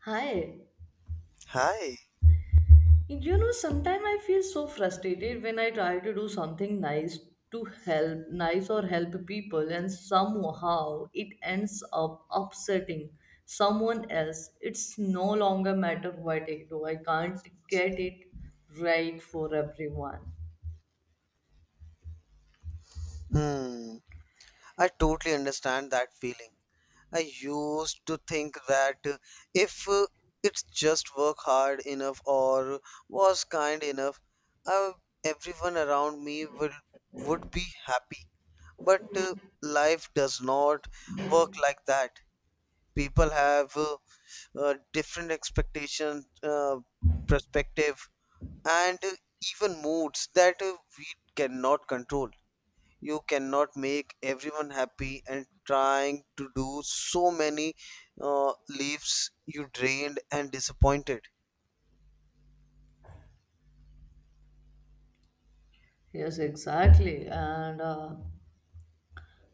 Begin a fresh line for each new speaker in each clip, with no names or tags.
Hi.
Hi.
You know, sometimes I feel so frustrated when I try to do something nice to help, nice or help people, and somehow it ends up upsetting someone else. It's no longer matter what I do, I can't get it right for everyone.
Hmm. I totally understand that feeling. I used to think that if it's just work hard enough or was kind enough, uh, everyone around me will would be happy. But life does not work like that. People have different expectations, perspective, and even moods that we cannot control. You cannot make everyone happy, and trying to do so many leaves you drained and disappointed.
Yes, exactly. And uh,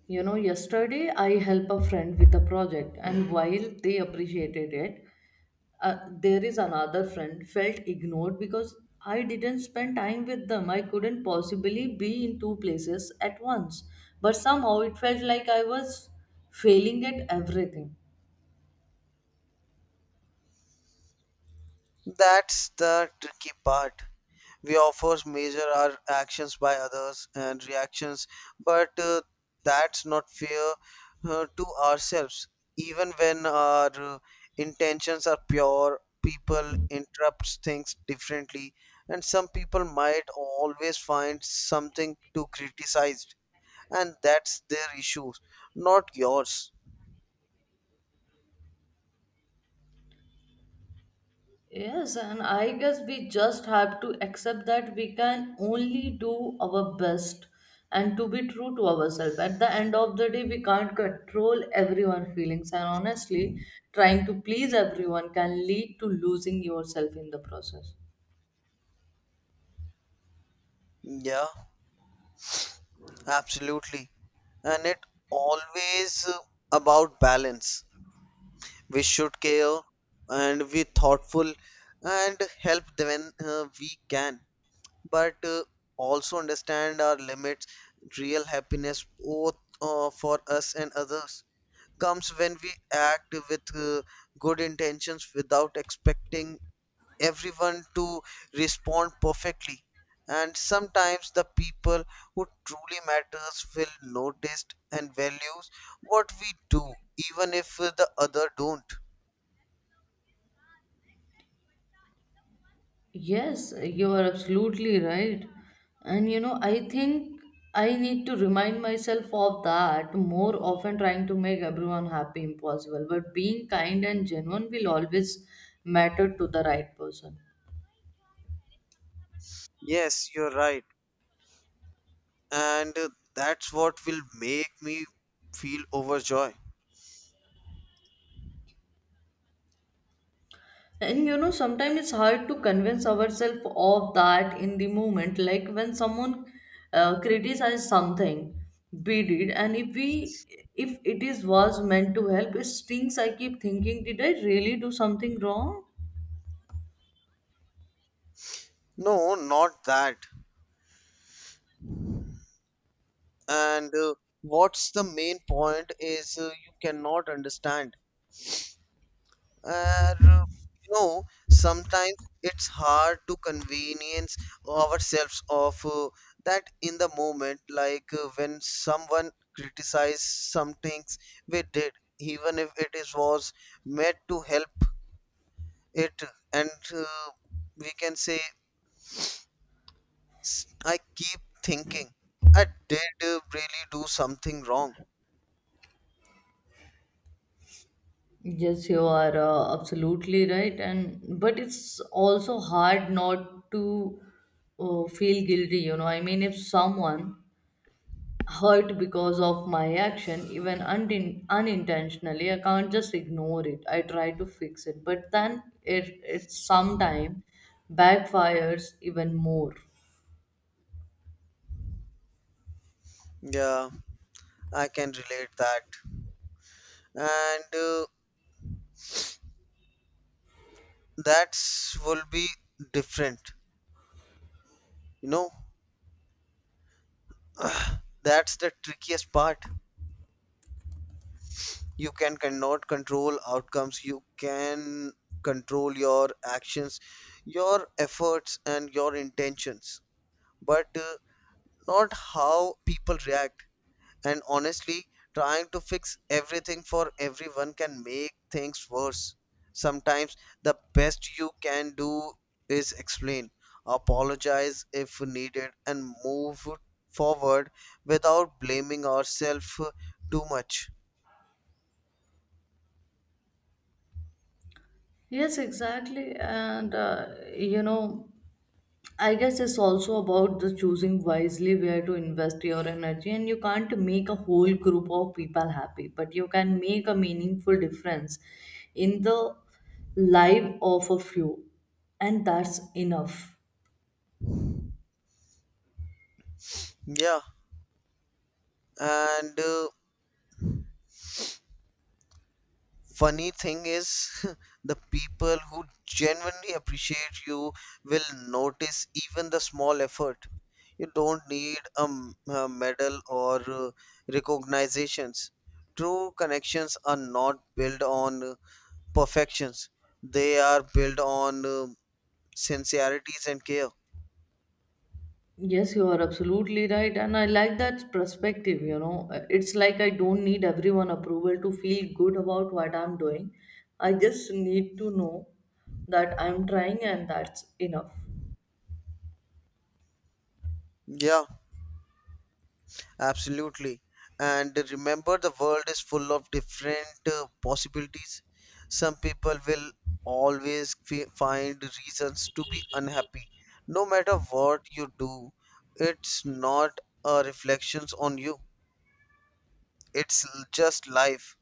You know, yesterday I helped a friend with a project, and while they appreciated it, there is another friend felt ignored because I didn't spend time with them. I couldn't possibly be in two places at once. But somehow it felt like I was failing at everything.
That's the tricky part. We offers measure our actions by others and reactions, but that's not fair to ourselves. Even when our intentions are pure, people interpret things differently, and some people might always find something to criticize, and that's their issues, not yours.
Yes, and I guess we just have to accept that we can only do our best and to be true to ourselves. At the end of the day, we can't control everyone's feelings, and honestly, trying to please everyone can lead to losing yourself in the process.
Yeah, absolutely. And it always about balance. We should care and be thoughtful and help them when we can, but also understand our limits. Real happiness, both for us and others, comes when we act with good intentions without expecting everyone to respond perfectly. And sometimes the people who truly matters will notice and values what we do, even if the other don't.
Yes, you are absolutely right. And you know, I think I need to remind myself of that more often, trying to make everyone happy impossible. But being kind and genuine will always matter to the right person.
Yes, you're right. And that's what will make me feel overjoyed.
And you know, sometimes it's hard to convince ourselves of that in the moment. Like when someone criticizes something, we did, and if it is was meant to help, it stings. I keep thinking, did I really do something wrong?
No, not that. And what's the main point is you cannot understand. And you know, sometimes it's hard to convenience ourselves of that in the moment, like when someone criticizes some things we did, even if it is was meant to help it, and we can say, I keep thinking, I did really do something wrong.
Yes, you are absolutely right, and but it's also hard not to feel guilty. You know, I mean, if someone hurt because of my action, even unintentionally, I can't just ignore it. I try to fix it, but then it sometimes backfires even more.
Yeah, I can relate that, and that's will be different, you know. That's the trickiest part. You cannot control outcomes. You can control your actions, your efforts, and your intentions, but not how people react. And honestly, trying to fix everything for everyone can make things worse. Sometimes the best you can do is explain, apologize if needed, and move forward without blaming ourselves too much.
Yes, exactly, and, you know. I guess it's also about the choosing wisely where to invest your energy, and you can't make a whole group of people happy, but you can make a meaningful difference in the life of a few, and that's enough.
Yeah, and funny thing is, the people who genuinely appreciate you will notice even the small effort. You don't need a medal or recognitions. True connections are not built on perfections, they are built on sincerities and care.
Yes, you are absolutely right, and I like that perspective. You know, it's like I don't need everyone approval to feel good about what I'm doing. I just need to know that I'm trying, and that's enough.
Yeah. Absolutely. And remember, the world is full of different possibilities. Some people will always find reasons to be unhappy. No matter what you do, it's not a reflections on you. It's just life.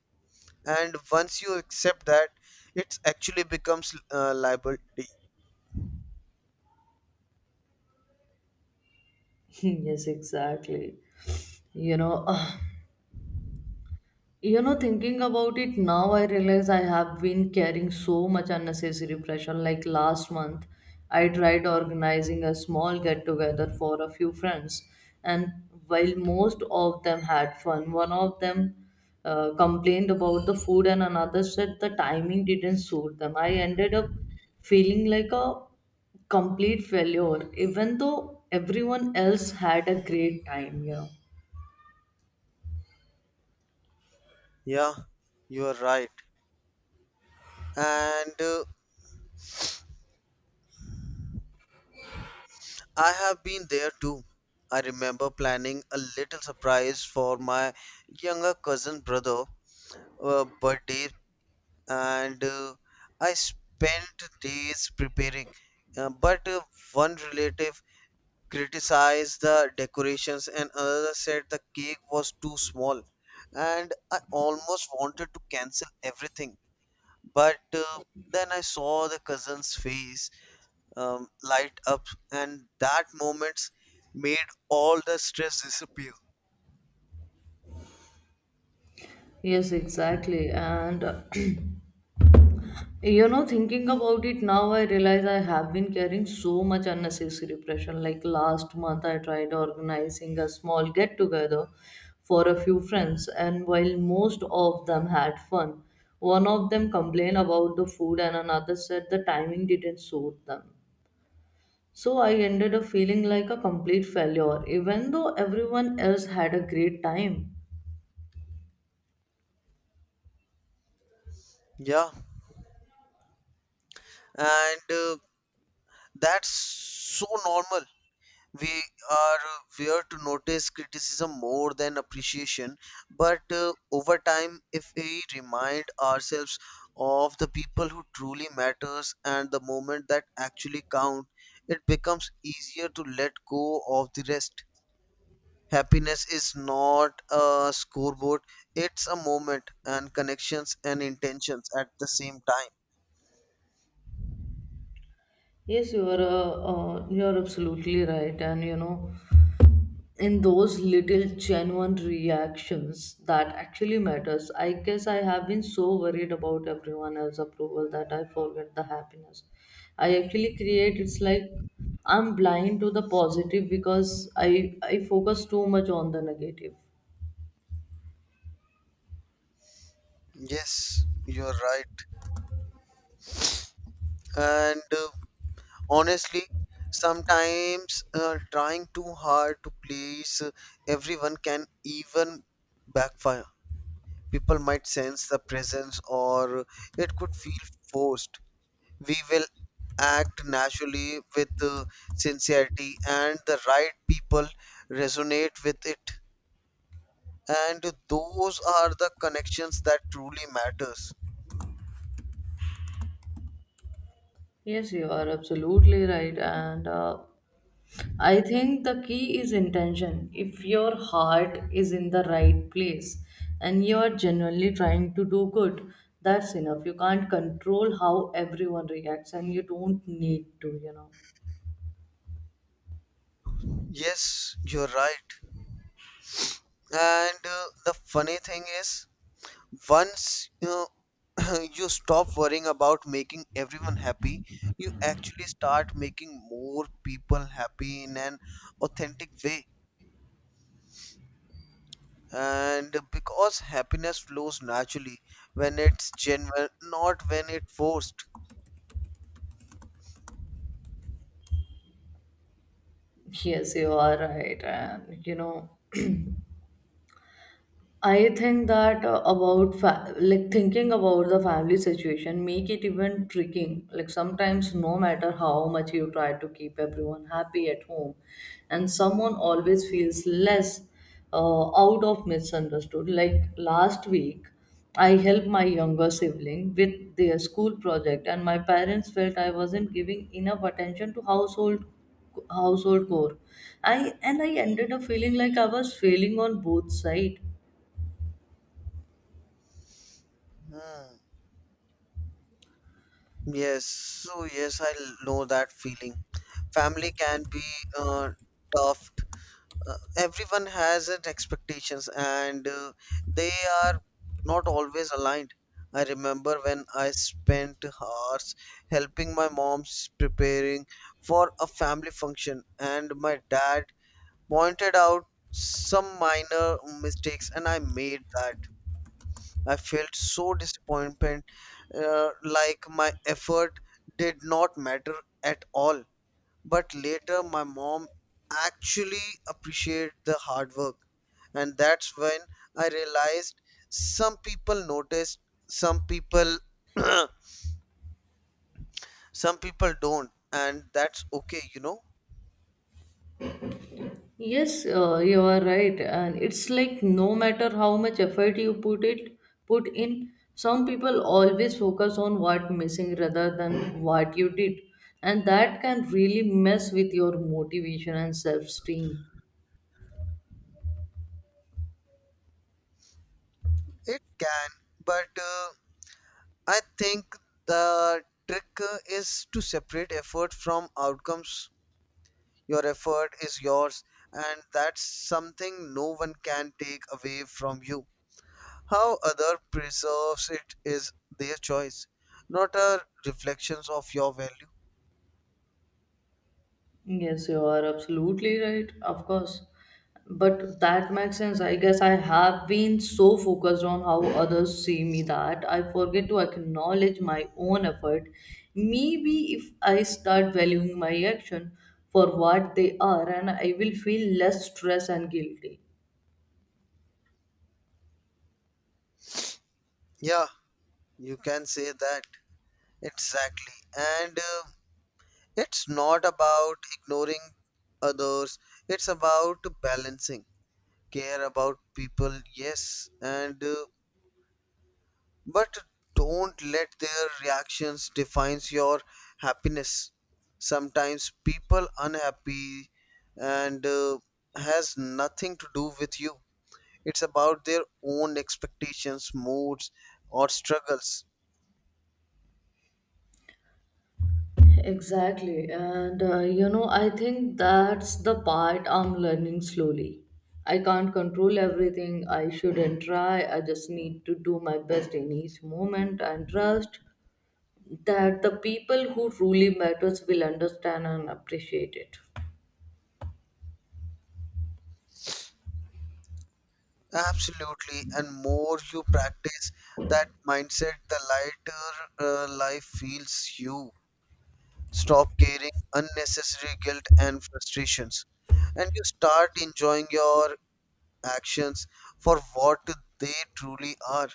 And once you accept that, it actually becomes liability.
Yes, exactly. You know, you know, thinking about it now, I realize I have been carrying so much unnecessary pressure. Like last month, I tried organizing a small get together for a few friends, and while most of them had fun, one of them complained about the food, and another said the timing didn't suit them. I ended up feeling like a complete failure, even though everyone else had a great time, you know.
Yeah, you are right. And I have been there too. I remember planning a little surprise for my younger cousin brother birthday, and I spent days preparing. But one relative criticized the decorations and another said the cake was too small, and I almost wanted to cancel everything. But then I saw the cousin's face light up, and that moments made all the stress disappear.
Yes, exactly. And you know, thinking about it now, I realize I have been carrying so much unnecessary pressure. Like last month, I tried organizing a small get together for a few friends, and while most of them had fun, one of them complained about the food, and another said the timing didn't suit them. So I ended up feeling like a complete failure, even though everyone else had a great time.
Yeah, and that's so normal. We are where to notice criticism more than appreciation, but over time, if we remind ourselves of the people who truly matters and the moment that actually count, it becomes easier to let go of the rest. Happiness is not a scoreboard, it's a moment and connections and intentions at the same time.
Yes, you are absolutely right, and you know, in those little genuine reactions that actually matters. I guess I have been so worried about everyone else's approval that I forget the happiness I actually create. It's like I'm blind to the positive because I focus too much on the negative.
Yes, you're right. And honestly, sometimes trying too hard to please everyone can even backfire. People might sense the presence, or it could feel forced. We will act naturally with sincerity, and the right people resonate with it. And those are the connections that truly matters.
Yes, you are absolutely right. And I think the key is intention. If your heart is in the right place and you are genuinely trying to do good, that's enough. You can't control how everyone reacts and you don't need to, you know.
Yes, you're right. And the funny thing is, once you you stop worrying about making everyone happy, you actually start making more people happy in an authentic way, and because happiness flows naturally when it's genuine, not when it's forced.
Yes, you are right. And, you know, I think that about like thinking about the family situation make it even tricking. Like sometimes, no matter how much you try to keep everyone happy at home, and someone always feels less out of misunderstood. Like last week, I helped my younger sibling with their school project, and my parents felt I wasn't giving enough attention to household chore. I and I ended up feeling like I was failing on both sides.
Hmm. Yes, so yes, I know that feeling. Family can be uh, tough. Everyone has an expectations, and they are not always aligned. I remember when I spent hours helping my mom's preparing for a family function, and my dad pointed out some minor mistakes and I made that. I felt so disappointed, like my effort did not matter at all. But later, my mom actually appreciated the hard work. And that's when I realized some people notice, some people, some people don't. And that's okay, you know?
Yes, you are right. And it's like no matter how much effort you put in, some people always focus on what missing rather than what you did. And that can really mess with your motivation and self-esteem.
It can. But I think the trick is to separate effort from outcomes. Your effort is yours, and that's something no one can take away from you. How other preserves it is their choice, not a reflections of your value.
Yes, you are absolutely right, of course. But that makes sense. I guess I have been so focused on how others see me that I forget to acknowledge my own effort. Maybe if I start valuing my action for what they are, and I will feel less stress and guilty.
Yeah, you can say that exactly. And it's not about ignoring others. It's about balancing. Care about people, yes, and but don't let their reactions defines your happiness. Sometimes people unhappy, and has nothing to do with you. It's about their own expectations, moods, or struggles.
Exactly. And, you know, I think that's the part I'm learning slowly. I can't control everything. I shouldn't try. I just need to do my best in each moment and trust that the people who truly matters will understand and appreciate it.
Absolutely. And more you practice that mindset, the lighter life feels you. Stop carrying unnecessary guilt and frustrations. And you start enjoying your actions for what they truly are,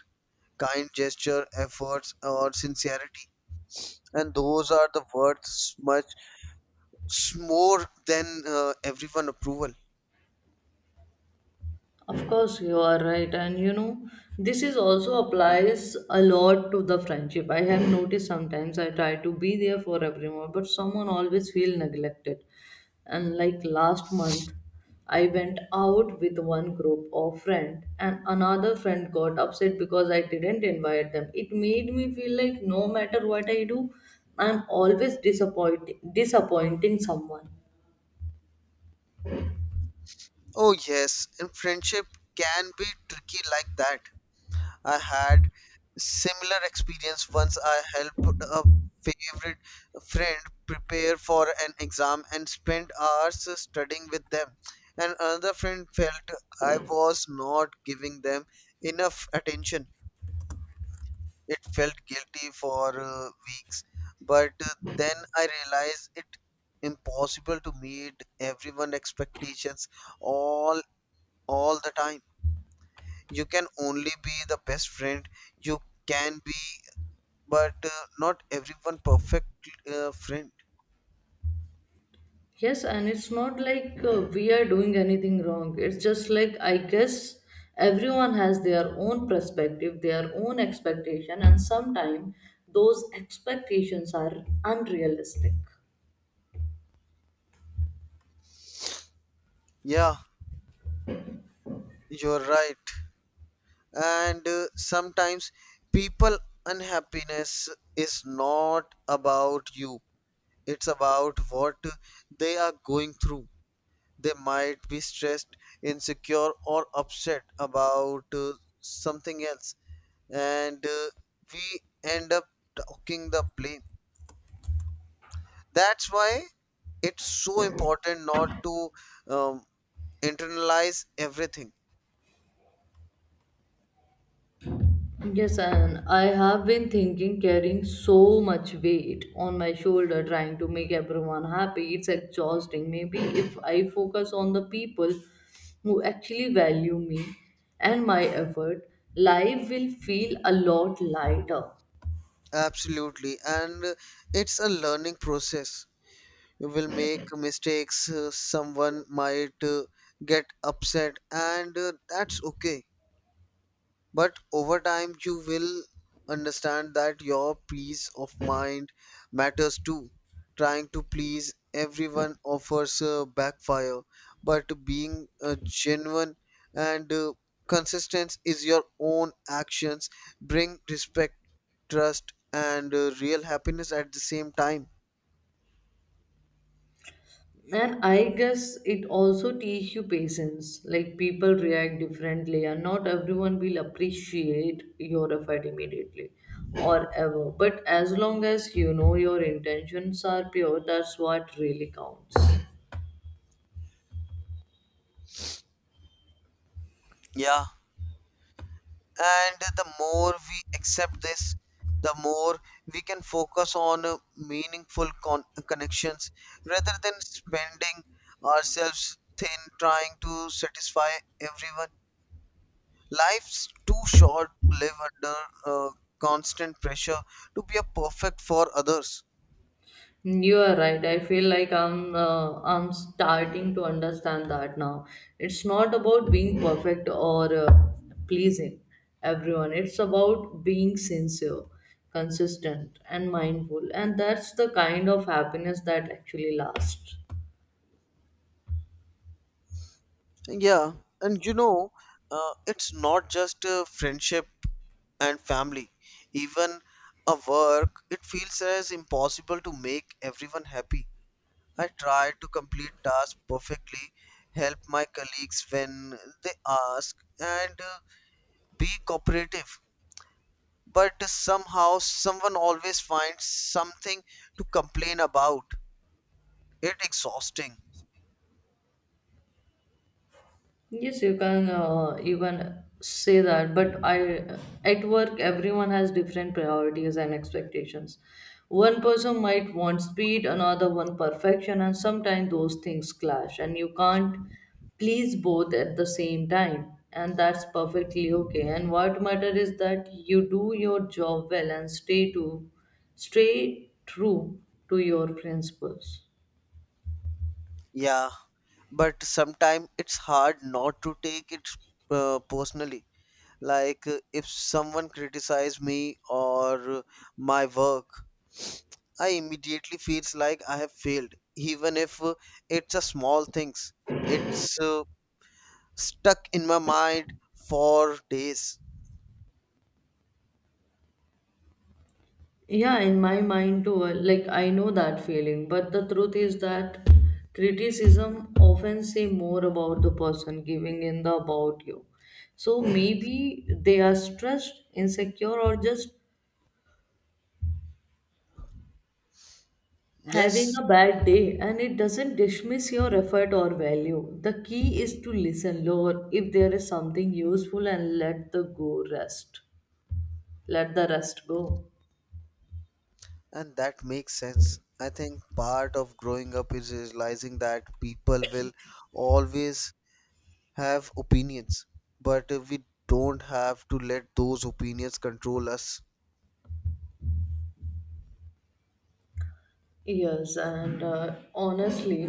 kind gesture, efforts, or sincerity. And those are the worth much more than everyone approval.
Of course, you are right. And you know, this is also applies a lot to the friendship. I have noticed sometimes I try to be there for everyone, but someone always feel neglected. And like last month, I went out with one group of friend and another friend got upset because I didn't invite them. It made me feel like no matter what I do, I'm always disappointing someone.
Oh yes, and friendship can be tricky like that. I had similar experience once. I helped a favorite friend prepare for an exam and spent hours studying with them. And another friend felt I was not giving them enough attention. It felt guilty for weeks, but then I realized it impossible to meet everyone expectations all all the time. You can only be the best friend you can be, but not everyone perfect friend.
Yes, and it's not like we are doing anything wrong. It's just like I guess everyone has their own perspective, their own expectation, and sometimes those expectations are unrealistic.
Yeah, you're right. And sometimes people unhappiness is not about you, it's about what they are going through. They might be stressed, insecure, or upset about something else. And we end up talking the blame. That's why it's so important not to um, internalize everything.
Yes, and I have been thinking carrying so much weight on my shoulder trying to make everyone happy. It's exhausting. Maybe if I focus on the people who actually value me and my effort, life will feel a lot lighter.
Absolutely. And it's a learning process. You will make mistakes, someone might get upset, and that's okay. But over time, you will understand that your peace of mind matters too. Trying to please everyone offers a backfire, but being genuine and consistent is your own actions bring respect, trust, and real happiness at the same time.
And I guess it also teach you patience. Like people react differently, and not everyone will appreciate your effort immediately or ever. But as long as you know your intentions are pure, that's what really counts.
Yeah, and the more we accept this, the more we can focus on meaningful connections rather than spending ourselves thin trying to satisfy everyone. Life's too short to live under uh, constant pressure to be a perfect for others.
You are right. I feel like I'm starting to understand that now. It's not about being perfect or pleasing everyone. It's about being sincere, consistent, and mindful. And that's the kind of happiness that actually lasts.
Yeah, and you know, it's not just friendship and family. Even a work, it feels as impossible to make everyone happy. I try to complete tasks perfectly, help my colleagues when they ask, and be cooperative. But somehow, someone always finds something to complain about. It's exhausting.
Yes, you can even say that, but I at work everyone has different priorities and expectations. One person might want speed, another one perfection, and sometimes those things clash, and you can't please both at the same time, and that's perfectly okay. And what matters is that you do your job well and stay true to your principles.
Yeah. But sometimes it's hard not to take it personally. Like if someone criticizes me or my work, I immediately feels like I have failed, even if it's a small things. It's stuck in my mind for days.
Yeah, in my mind too, like I know that feeling, but the truth is that criticism often say more about the person giving in the about you. So maybe they are stressed, insecure, or just having
Yes.
a bad day, and it doesn't dismiss your effort or value. The key is to listen, Lord, if there is something useful, and let the go rest. Let the rest go.
And that makes sense. I think part of growing up is realizing that people will always have opinions, but we don't have to let those opinions control us.
Yes, and, honestly,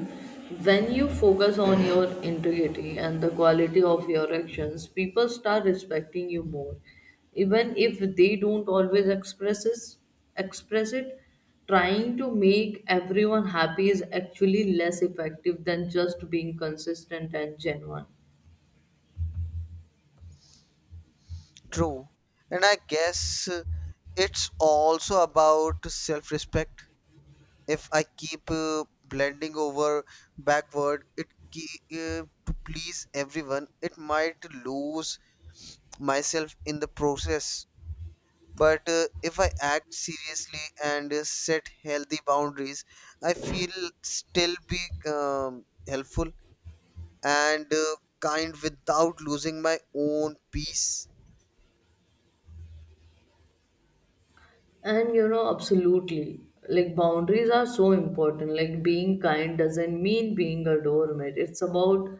when you focus on your integrity and the quality of your actions, people start respecting you more. Even if they don't always express it, trying to make everyone happy is actually less effective than just being consistent and genuine.
True. And I guess it's also about self respect. If I keep blending over backward, it to please everyone, it might lose myself in the process. But if I act seriously and set healthy boundaries, I feel still be helpful and kind without losing my own peace.
And you know, absolutely. Like boundaries are so important. Like being kind doesn't mean being a doormat. It's about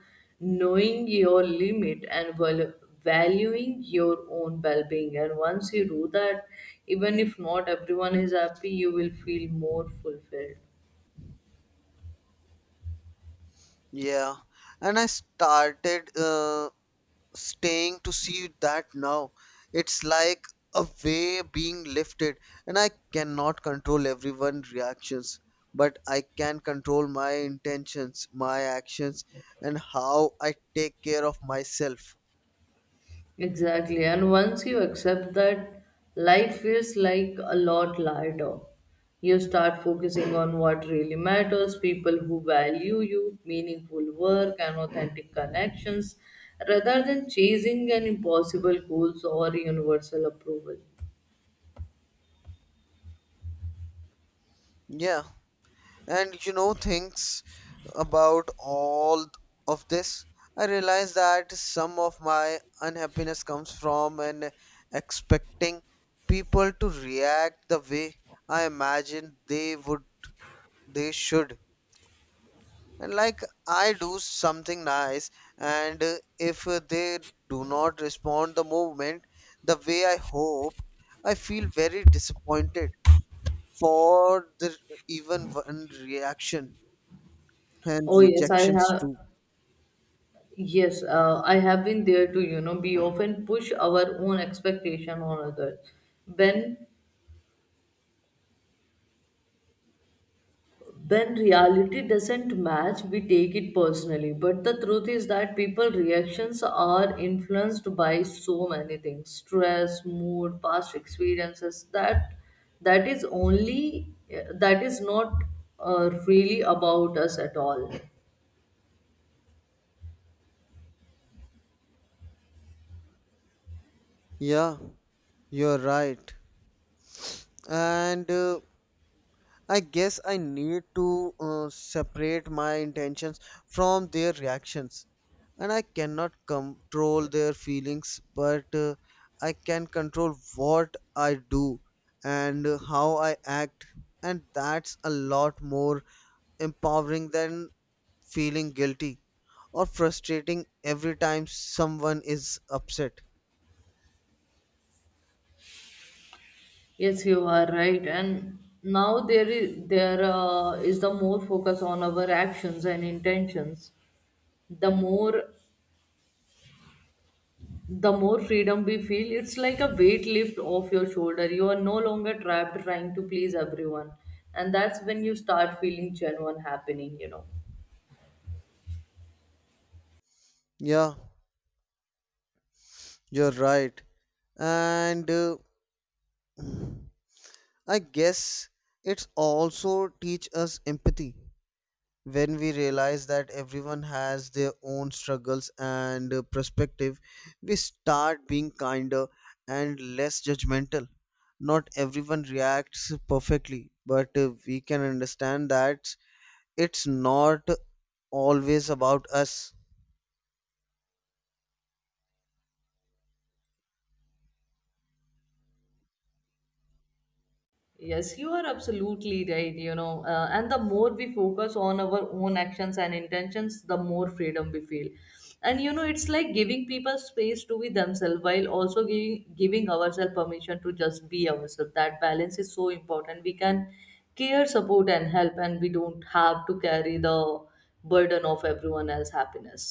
knowing your limit and valuing your own well-being. And once you do that, even if not everyone is happy, you will feel more fulfilled.
Yeah, and I started staying to see that now. It's like a way being lifted, and I cannot control everyone's reactions, but I can control my intentions, my actions, and how I take care of myself.
Exactly. And once you accept that, life feels like a lot lighter. You start focusing on what really matters, people who value you, meaningful work, and authentic connections, rather than chasing an impossible goals or universal approval.
Yeah, and you know things about all of this. I realize that some of my unhappiness comes from an expecting people to react the way I imagine they would they should. And like, I do something nice, and if they do not respond the movement the way I hoped, I feel very disappointed for the even one reaction and
Oh yes, I
rejections
have.
too.
Yes, I have been there too. You know, we often push our own expectation on others when when reality doesn't match, we take it personally. But the truth is that people reactions are influenced by so many things. Stress, mood, past experiences. That is only that is not really about us at all.
Yeah, you're right. And I guess I need to separate my intentions from their reactions. And I cannot control their feelings, but I can control what I do and how I act. And that's a lot more empowering than feeling guilty or frustrating every time someone is upset.
Yes, you are right. And now there is the more focus on our actions and intentions. The more the more freedom we feel. It's like a weight lift off your shoulder. You are no longer trapped trying to please everyone, and that's when you start feeling genuine happening, you know.
Yeah, you're right. And I guess it's also teach us empathy. When we realize that everyone has their own struggles and perspective, we start being kinder and less judgmental. Not everyone reacts perfectly, but we can understand that it's not always about us.
Yes, you are absolutely right. You know, and the more we focus on our own actions and intentions, the more freedom we feel. And you know, it's like giving people space to be themselves while also giving ourselves permission to just be ourselves. That balance is so important. We can care, support, and help, and we don't have to carry the burden of everyone else's happiness.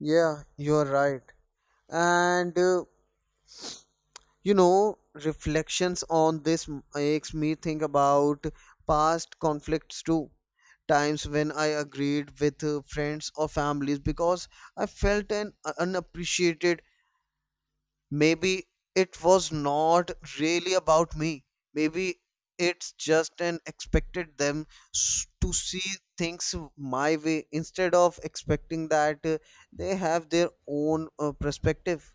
Yeah, you're right. And you know, reflections on this makes me think about past conflicts too. Times when I agreed with friends or families because I felt an unappreciated. Maybe it was not really about me. Maybe it's just an expected them to see things my way instead of expecting that they have their own perspective.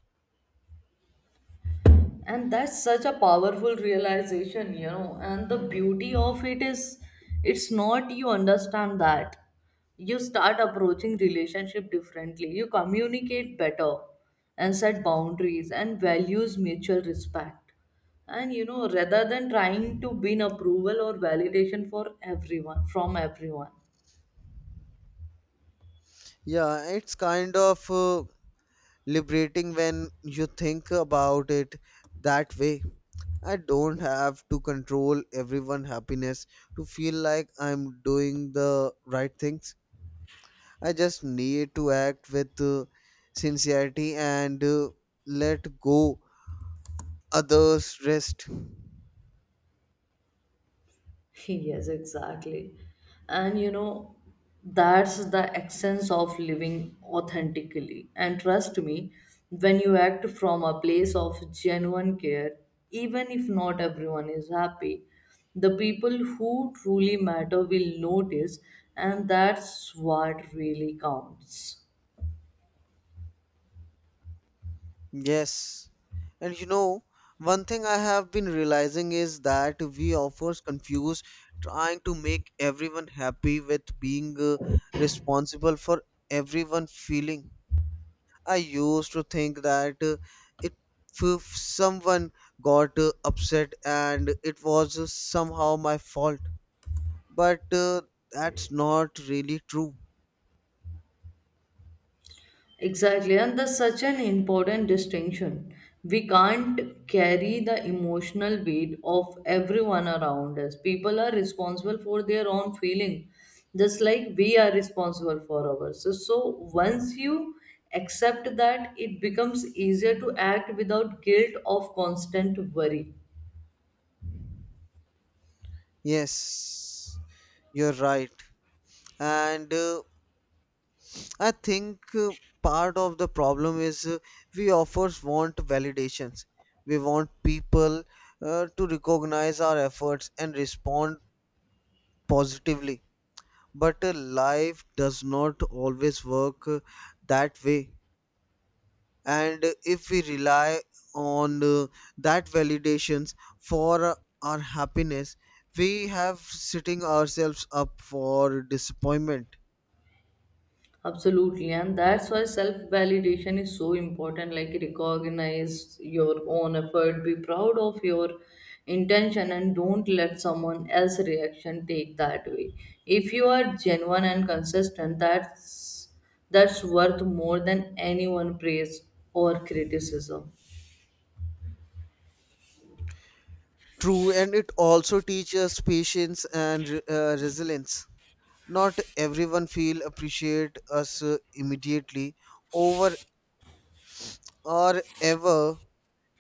And that's such a powerful realization, you know. And the beauty of it is it's not you understand that you start approaching relationship differently, you communicate better, and set boundaries and values mutual respect. And you know, rather than trying to win approval or validation for everyone from everyone.
Yeah, it's kind of liberating when you think about it that way. I don't have to control everyone's happiness to feel like I'm doing the right things. I just need to act with sincerity and let go others rest.
Yes, exactly. And you know, that's the essence of living authentically. And trust me, when you act from a place of genuine care, even if not everyone is happy, the people who truly matter will notice, and that's what really counts.
Yes. And you know, one thing I have been realizing is that we often confuse trying to make everyone happy with being responsible for everyone feeling. I used to think that if, if someone got upset and it was somehow my fault, but that's not really true.
Exactly, and that's such an important distinction. We can't carry the emotional weight of everyone around us. People are responsible for their own feeling, just like we are responsible for ours. So, once you accept that, it becomes easier to act without guilt of constant worry.
Yes, you're right. And I think part of the problem is we offers want validations. We want people to recognize our efforts and respond positively. But life does not always work that way. And if we rely on that validations for our happiness, we have setting ourselves up for disappointment.
Absolutely, and that's why self validation is so important. Like, recognize your own effort, be proud of your intention, and don't let someone else's reaction take that away. If you are genuine and consistent, that's worth more than anyone praise or criticism.
True, and it also teaches patience and resilience. Not everyone feel appreciate us immediately over or ever,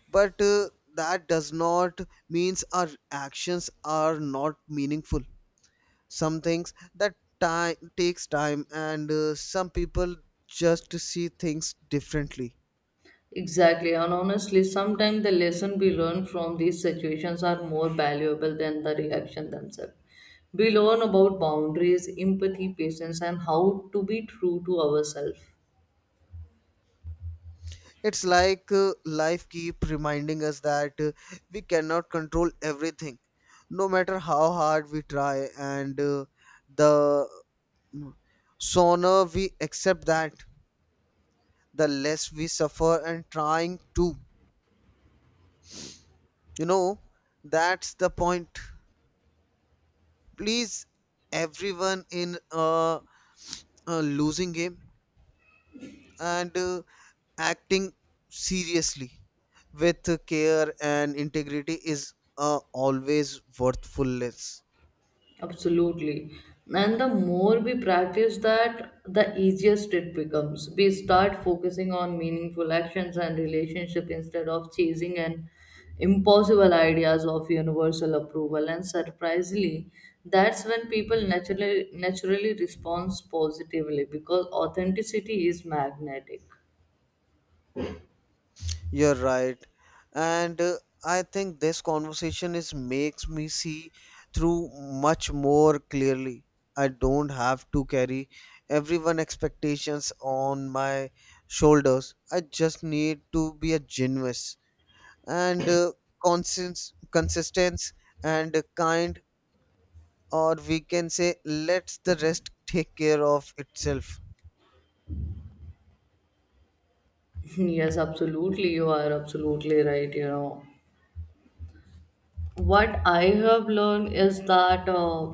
but that does not means our actions are not meaningful. Some things that time takes time, and some people just see things differently.
Exactly, and honestly, sometimes the lesson we learn from these situations are more valuable than the reaction themselves. We learn about boundaries, empathy, patience, and how to be true to ourselves.
It's like life keep reminding us that we cannot control everything, no matter how hard we try. And the sooner we accept that, the less we suffer and trying to. You know, that's the point. Please, everyone in a losing game, and acting seriously with care and integrity is always worthfulness.
Absolutely. And the more we practice that, the easiest it becomes. We start focusing on meaningful actions and relationship instead of chasing an impossible ideas of universal approval. And surprisingly, that's when people naturally responds positively because authenticity is magnetic.
You're right. And I think this conversation is makes me see through much more clearly. I don't have to carry everyone expectations on my shoulders. I just need to be a genuine and consistent and kind, or we can say lets the rest take care of itself.
Yes, absolutely. You are absolutely right. You know, what I have learned is that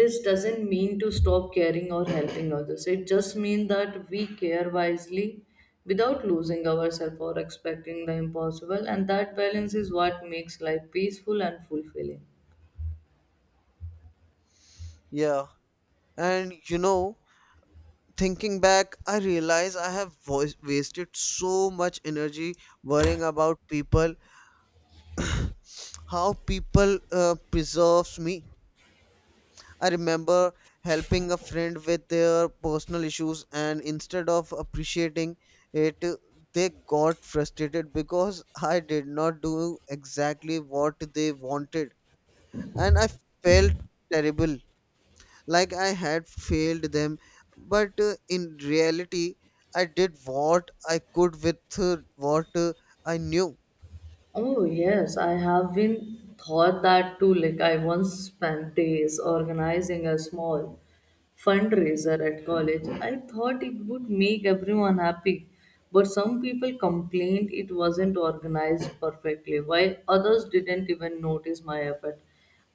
this doesn't mean to stop caring or helping others. It just means that we care wisely without losing ourselves or expecting the impossible, and that balance is what makes life peaceful and fulfilling.
Yeah, and you know, thinking back, I realize I have wasted so much energy worrying about people, how people preserves me. I remember helping a friend with their personal issues, and instead of appreciating it, they got frustrated because I did not do exactly what they wanted, and I felt terrible, like I had failed them. But in reality, I did what I could with what I knew.
Oh yes, I have been thought that too. Like I once spent days organizing a small fundraiser at college. I thought it would make everyone happy, but some people complained it wasn't organized perfectly, while others didn't even notice my effort.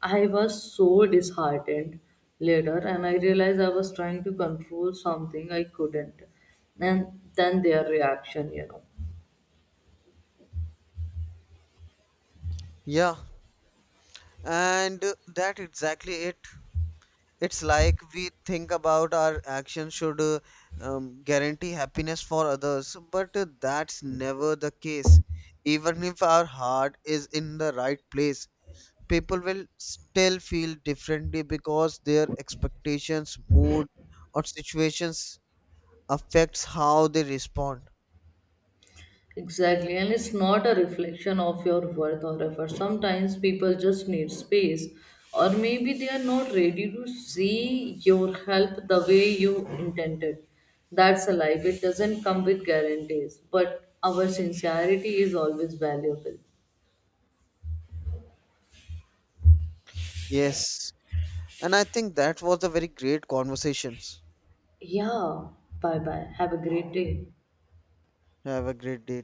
I was so disheartened later, and I realized I was trying to control something I couldn't. And then their reaction, you know.
Yeah, and that exactly it. It's like we think about our actions should guarantee happiness for others, but that's never the case. Even if our heart is in the right place, people will still feel differently because their expectations, mood, or situations affects how they respond.
Exactly, and it's not a reflection of your worth or effort. Sometimes people just need space, or maybe they are not ready to see your help the way you intended. That's a life, it doesn't come with guarantees, but our sincerity is always valuable.
Yes. And I think that was a very great conversations.
Yeah, bye bye. Have a great day.
Have a great day.